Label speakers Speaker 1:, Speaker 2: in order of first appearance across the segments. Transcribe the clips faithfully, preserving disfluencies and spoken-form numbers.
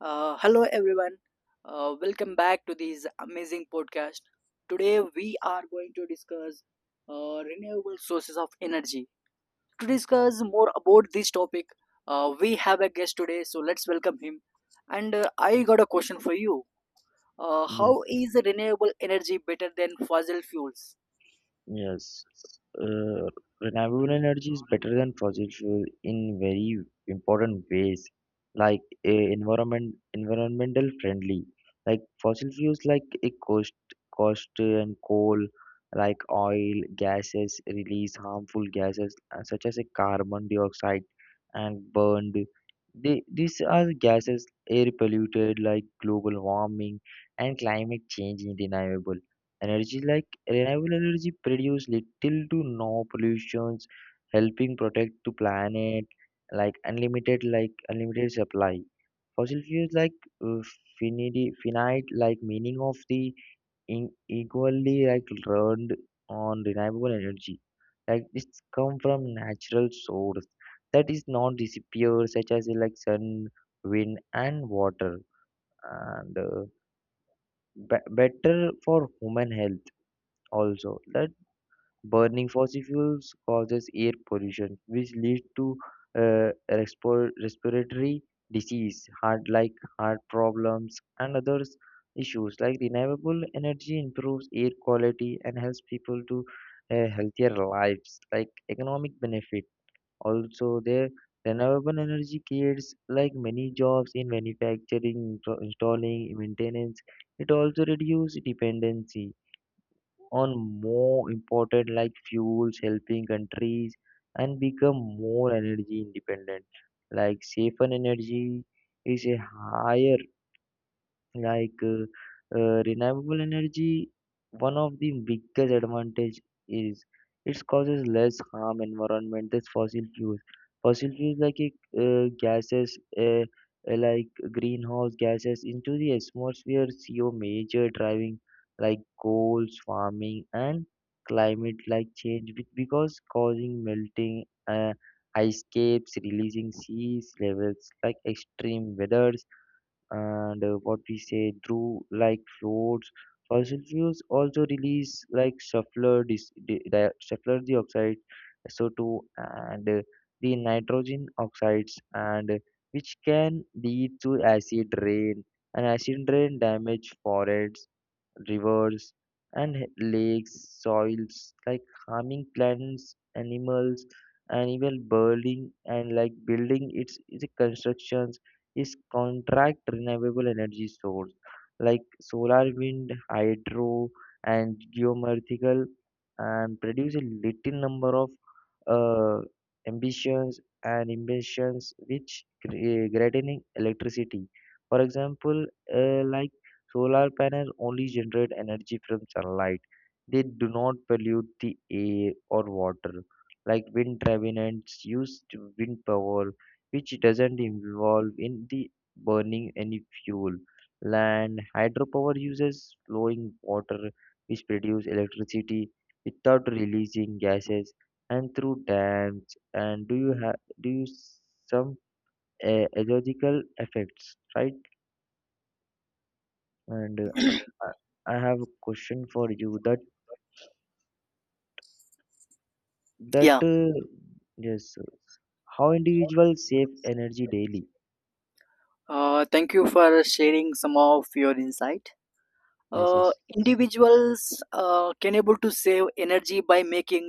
Speaker 1: Uh, hello, everyone. Uh, welcome back to this amazing podcast. Today, we are going to discuss uh, renewable sources of energy. To discuss more about this topic, uh, we have a guest today, so let's welcome him. And uh, I got a question for you. Uh, how
Speaker 2: Yes,
Speaker 1: is renewable energy better than fossil fuels?
Speaker 2: yes. Uh, Renewable energy is better than fossil fuel in very important ways, like uh, environment environmental friendly. Like fossil fuels, like a cost cost uh, and coal, like oil, gases release harmful gases uh, such as a carbon dioxide and burned. They, these are gases air polluted like global warming and climate change undeniable. Energy like Renewable energy produce little to no pollutions, helping protect the planet. Like unlimited, like unlimited supply. Fossil fuels like uh, finite, finite, like meaning of the in, equally like learned on renewable energy like it's come from natural source that is not disappear such as uh, like sun wind and water and uh, be- better for human health also that burning fossil fuels causes air pollution, which leads to uh, respo- respiratory disease, heart like heart problems, and others issues. Like renewable energy improves air quality and helps people to uh, healthier lives. Like economic benefit, also there. Renewable energy creates like many jobs in manufacturing, install- installing, maintenance. It also reduces dependency on more important like fuels, helping countries, and become more energy independent. Like safer energy is a higher like, uh, uh, renewable energy, one of the biggest advantage is it causes less harm environment than fossil fuels. Fossil fuels like uh, gases, uh, uh, like greenhouse gases into the atmosphere, C O major driving like coals, farming, and climate like change be- because causing melting uh, ice caps, releasing seas levels like extreme weather and uh, what we say through like floats. Fossil fuels also release like sulfur, dis- di- di- sulfur dioxide, S O two, and uh, the nitrogen oxides, and uh, which can lead to acid rain. And acid rain damage forests rivers and h- lakes, soils, like harming plants, animals, and even building and like building its, its constructions is contract renewable energy source like solar, wind, hydro, and geomorphical and produce a little number of uh, ambitions and emissions which cre- uh, greatening electricity for example uh, like solar panels only generate energy from sunlight. They do not pollute the air or water. Like wind turbines use to wind power, which doesn't involve in the burning any fuel. Land hydropower uses flowing water, which produce electricity without releasing gases, and through dams. And do you have do you s- some uh, ecological effects, right? And uh, I I have a question for you that that
Speaker 1: Yeah.
Speaker 2: uh, yes, how individuals save energy daily?
Speaker 1: Uh, thank you for sharing some of your insight.
Speaker 2: Yes,
Speaker 1: uh,
Speaker 2: yes.
Speaker 1: individuals uh, can able to save energy by making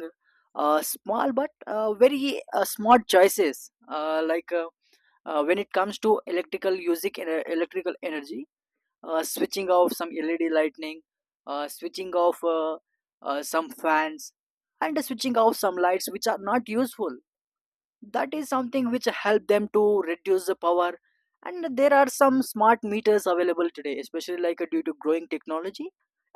Speaker 1: uh, small but uh, very uh, smart choices uh, like uh, uh, when it comes to electrical using ener- electrical energy, uh, switching off some led lightning, uh, switching off uh, uh, some fans, and switching off some lights which are not useful. That is something which help them to reduce the power, and there are some smart meters available today, especially like uh, due to growing technology.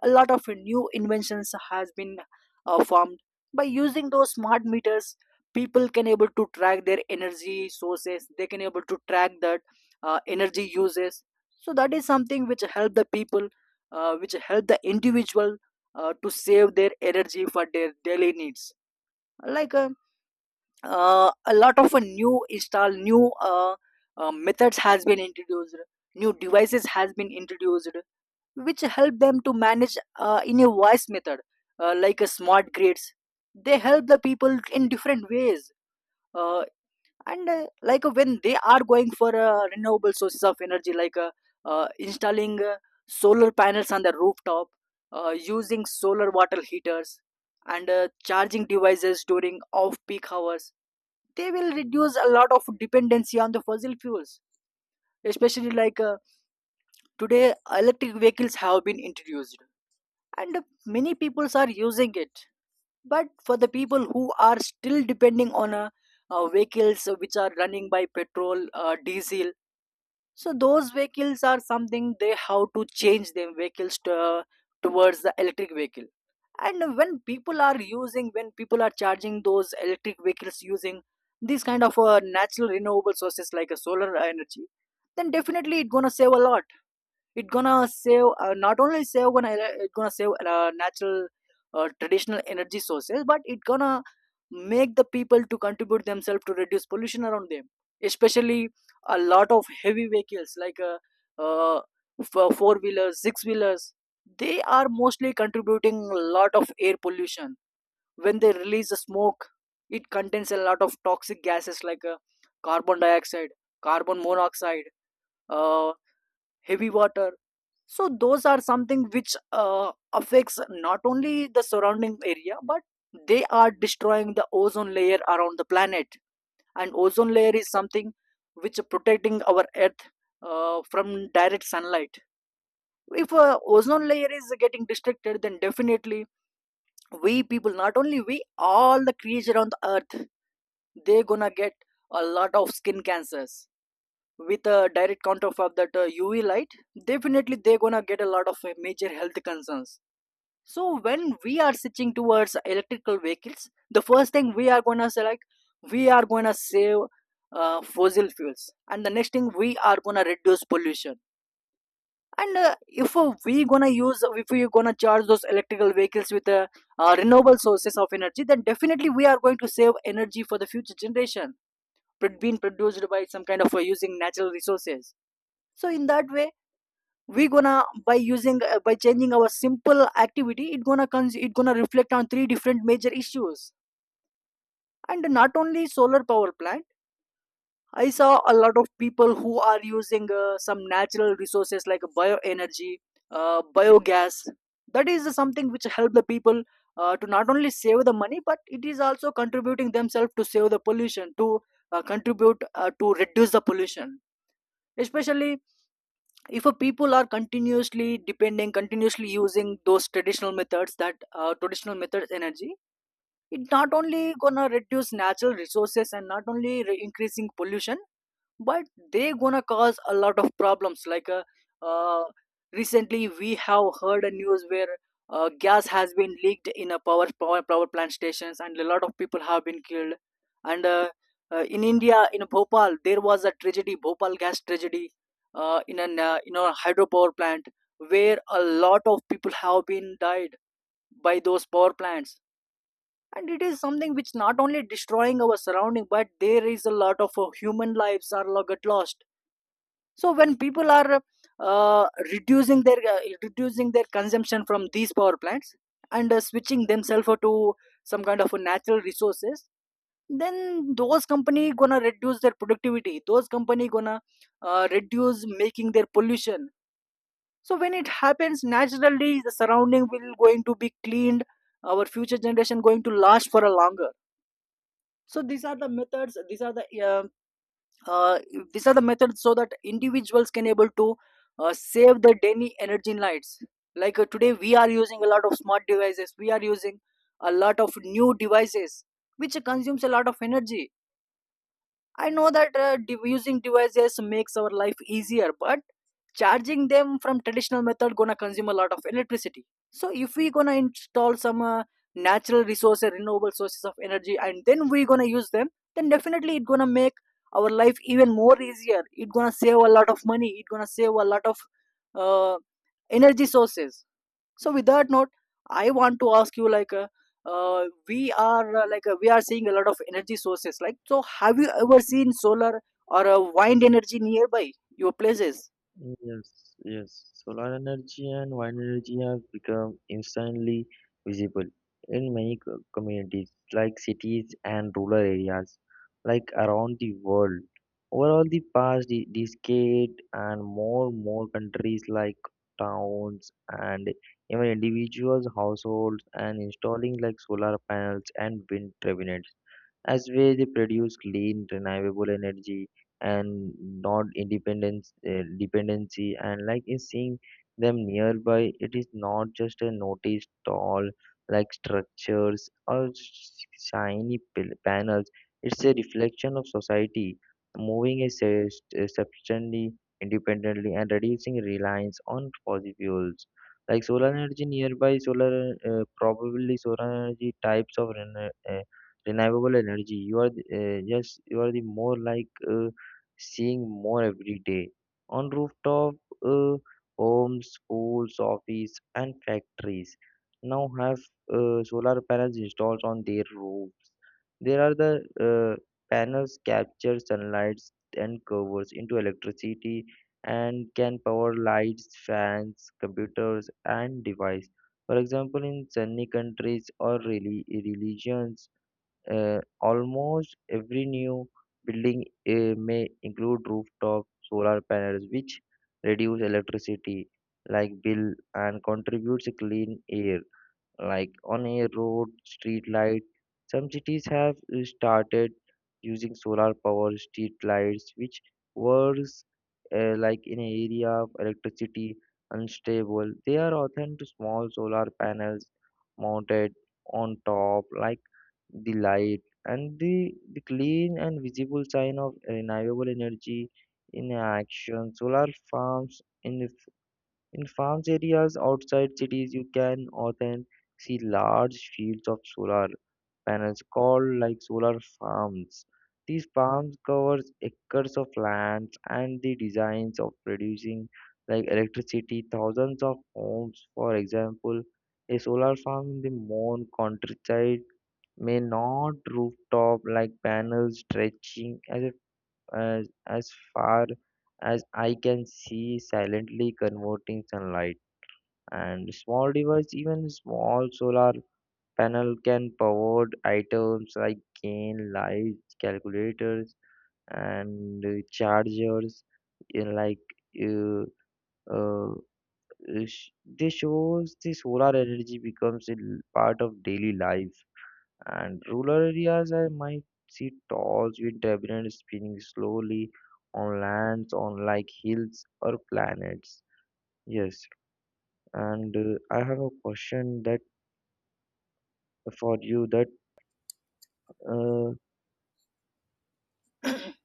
Speaker 1: A lot of new inventions has been uh, formed. By using those smart meters, people can able to track their energy sources, they can able to track that uh, energy uses. So that is something which help the people, uh, which help the individual uh, to save their energy for their daily needs, like uh, uh, a lot of uh, new install new uh, uh, methods has been introduced, new devices has been introduced, which help them to manage uh, in a voice method, uh, like a smart grids. They help the people in different ways, uh, and uh, like uh, when they are going for uh, renewable sources of energy, like uh, uh, installing uh, solar panels on the rooftop, uh, using solar water heaters, and uh, charging devices during off peak hours. They will reduce a lot of dependency on the fossil fuels, especially like uh, today electric vehicles have been introduced and many peoples are using it. But for the people who are still depending on uh, uh, vehicles which are running by petrol, uh, diesel, so those vehicles are something they have to change them vehicles to, towards the electric vehicle. And when people are using, when people are charging those electric vehicles using these kind of uh, natural renewable sources like a solar energy, then definitely it's gonna save a lot, it gonna save uh, not only save gonna it gonna save uh, natural, uh, traditional energy sources, but it gonna make the people to contribute themselves to reduce pollution around them, especially a lot of heavy vehicles like uh, uh, four wheelers, six wheelers, they are mostly contributing a lot of air pollution. When they release the smoke, it contains a lot of toxic gases like uh, carbon dioxide, carbon monoxide, uh, heavy water. So those are something which uh, affects not only the surrounding area, but they are destroying the ozone layer around the planet. And ozone layer is something which protecting our Earth uh, from direct sunlight. If uh, ozone layer is getting destructed, then definitely we people, not only we, all the creature on the Earth, they gonna get a lot of skin cancers with a direct counter of that uh, U V light. Definitely, they gonna get a lot of uh, major health concerns. So when we are switching towards electrical vehicles, the first thing we are gonna say like we are gonna save uh, fossil fuels, and the next thing we are gonna reduce pollution. And uh, if uh, we gonna use, if we gonna charge those electrical vehicles with uh, uh, renewable sources of energy, then definitely we are going to save energy for the future generation, pro- being produced by some kind of uh, using natural resources. So in that way, we gonna by using uh, by changing our simple activity, it gonna cons- it gonna reflect on three different major issues. And not only solar power plant, I saw a lot of people who are using uh, some natural resources like bioenergy, uh, biogas. That is something which help the people uh, to not only save the money, but it is also contributing themselves to save the pollution, to uh, contribute uh, to reduce the pollution. Especially if a people are continuously depending, continuously using those traditional methods, that uh, traditional methods energy, it not only gonna reduce natural resources and not only re- increasing pollution, but they gonna cause a lot of problems like uh, uh, recently we have heard a news where uh, gas has been leaked in a power, power power plant stations, and a lot of people have been killed. And uh, uh, in india, in bhopal, there was a tragedy, bhopal gas tragedy, uh, in an uh, in a hydropower plant, where a lot of people have been died by those power plants. And it is something which not only destroying our surrounding, but there is a lot of uh, human lives are lo- get lost. So when people are uh, reducing their uh, reducing their consumption from these power plants, and uh, switching themselves to some kind of a natural resources, then those company gonna reduce their productivity, those company gonna uh, reduce making their pollution. So when it happens naturally, the surrounding will going to be cleaned, our future generation going to last for a longer. So these are the methods, these are the uh, uh, these are the methods, so that individuals can able to uh, save the daily energy lights. Like uh, today we are using a lot of smart devices, we are using a lot of new devices which consumes a lot of energy. I know that uh, de- using devices makes our life easier, but charging them from traditional method gonna consume a lot of electricity. So if we gonna install some uh, natural resources, renewable sources of energy, and then we gonna use them, then definitely it gonna make our life even more easier. It gonna save a lot of money. It gonna save a lot of uh, energy sources. So with that note, I want to ask you like uh, uh, we are uh, like uh, we are seeing a lot of energy sources, like so have you ever seen solar or uh, wind energy nearby your places?
Speaker 2: Yes, yes. Solar energy and wind energy have become instantly visible in many co- communities, like cities and rural areas, like around the world. Overall, the past de- decade and more and more countries like towns and even individuals, households, and installing like solar panels and wind turbines as where they produce clean, renewable energy and not independence uh, dependency. And like in seeing them nearby, it is not just a noticed tall like structures or sh- shiny pil- panels. It's a reflection of society moving a sus- uh, substantially independently and reducing reliance on fossil fuels. Like solar energy nearby, solar uh, probably solar energy types of rene- uh, renewable energy you are the, uh, yes you are the more like uh, seeing more every day on rooftop uh, homes schools office and factories now have uh, solar panels installed on their roofs there are the uh, panels capture sunlight and covers into electricity and can power lights fans computers and device for example in sunny countries or reli- religions uh, almost every new building uh, may include rooftop solar panels, which reduce electricity like bill and contributes clean air like on a road street light some cities have uh, started using solar power street lights which works uh, like in an area of electricity unstable they are often to small solar panels mounted on top like the light and the, the clean and visible sign of renewable energy in action solar farms in the f- in farms areas outside cities you can often see large fields of solar panels called like solar farms these farms covers acres of land and the designs of producing like electricity thousands of homes for example a solar farm in the Mon countryside may not rooftop like panels stretching as, if, as as far as I can see silently converting sunlight and small device even small solar panel can power items like cane lights calculators and uh, chargers uh, like uh, uh, sh- this shows the solar energy becomes a l- part of daily life and rural areas I might see tall with debris spinning slowly on lands on like hills or planets. Yes, and uh, I have a question that uh, for you that uh,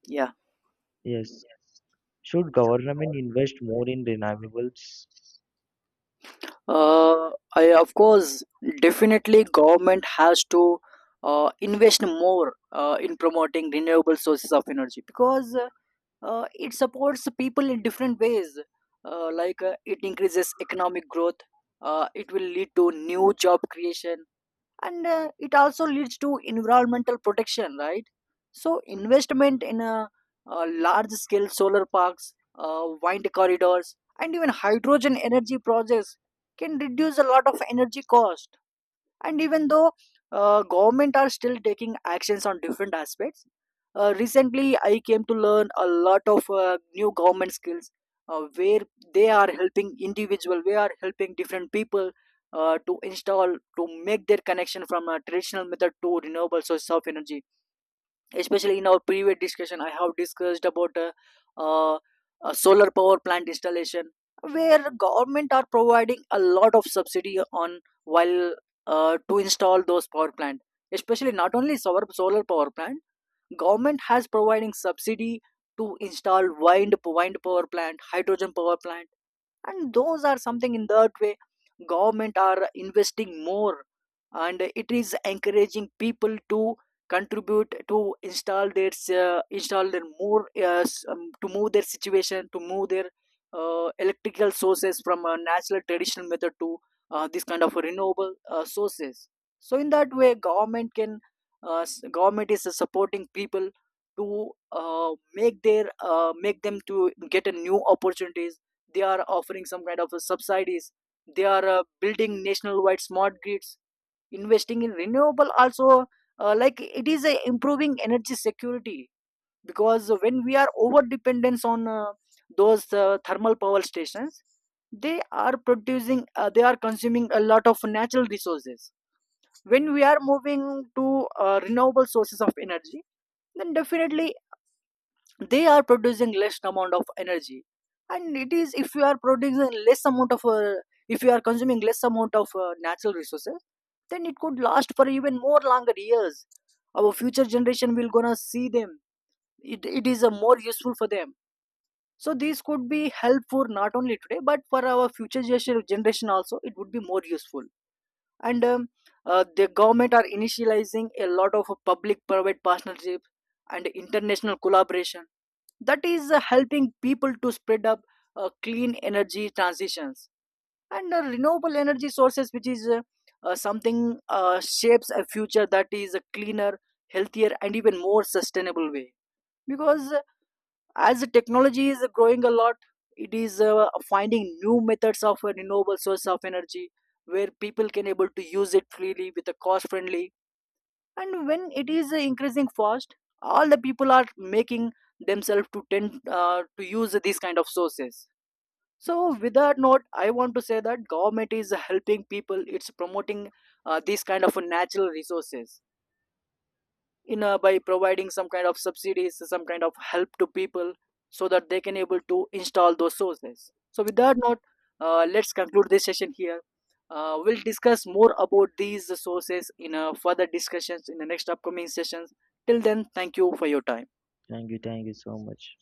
Speaker 1: Yeah.
Speaker 2: yes, should government invest more in renewables?
Speaker 1: uh, I, of course, definitely government has to uh, invest more uh, in promoting renewable sources of energy, because uh, uh, it supports people in different ways, uh, like uh, it increases economic growth, uh, it will lead to new job creation, and uh, it also leads to environmental protection, right. So investment in a uh, large scale solar parks, uh, wind corridors, and even hydrogen energy projects can reduce a lot of energy cost. And even though uh, government are still taking actions on different aspects, uh, recently I came to learn a lot of uh, new government skills, uh, where they are helping individual, we are helping different people uh, to install, to make their connection from a traditional method to renewable source of energy. Especially in our previous discussion, I have discussed about uh, uh, a solar power plant installation, where government are providing a lot of subsidy on while uh, to install those power plant. Especially not only solar solar power plant, government has providing subsidy to install wind wind power plant, hydrogen power plant. And those are something, in that way government are investing more, and it is encouraging people to contribute to install their uh, install their more uh, s- um, to move their situation, to move their uh, electrical sources from a natural traditional method to uh, this kind of renewable uh, sources. So in that way, government can uh, s- government is supporting people to uh, make their uh, make them to get a new opportunities. They are offering some kind of uh, subsidies, they are uh, building nationwide smart grids, investing in renewable also. Uh, like it is uh, improving energy security, because when we are over dependence on uh, those uh, thermal power stations, they are producing uh, they are consuming a lot of natural resources. When we are moving to uh, renewable sources of energy, then definitely they are producing less amount of energy. And it is, if you are producing less amount of uh, if you are consuming less amount of uh, natural resources, then it could last for even more longer years. Our future generation will gonna see them, it, it is a more useful for them. So this could be helpful not only today but for our future generation generation also, it would be more useful. And um, uh, the government are initializing a lot of public private partnership and international collaboration. That is uh, helping people to spread up uh, clean energy transitions, and uh, renewable energy sources, which is uh, uh, something uh, shapes a future that is a cleaner, healthier, and even more sustainable way. Because uh, as the technology is growing a lot, it is uh, finding new methods of a renewable source of energy, where people can able to use it freely with a cost friendly. And when it is uh, increasing fast, all the people are making themselves to tend uh, to use these kind of sources. So with that note, I want to say that government is helping people, it's promoting uh, these kind of natural resources, in uh, by providing some kind of subsidies, some kind of help to people, so that they can able to install those sources. So with that note, uh, let's conclude this session here. Uh, we'll discuss more about these sources in uh, further discussions in the next upcoming sessions. Till then, thank you for your time.
Speaker 2: Thank you, thank you so much.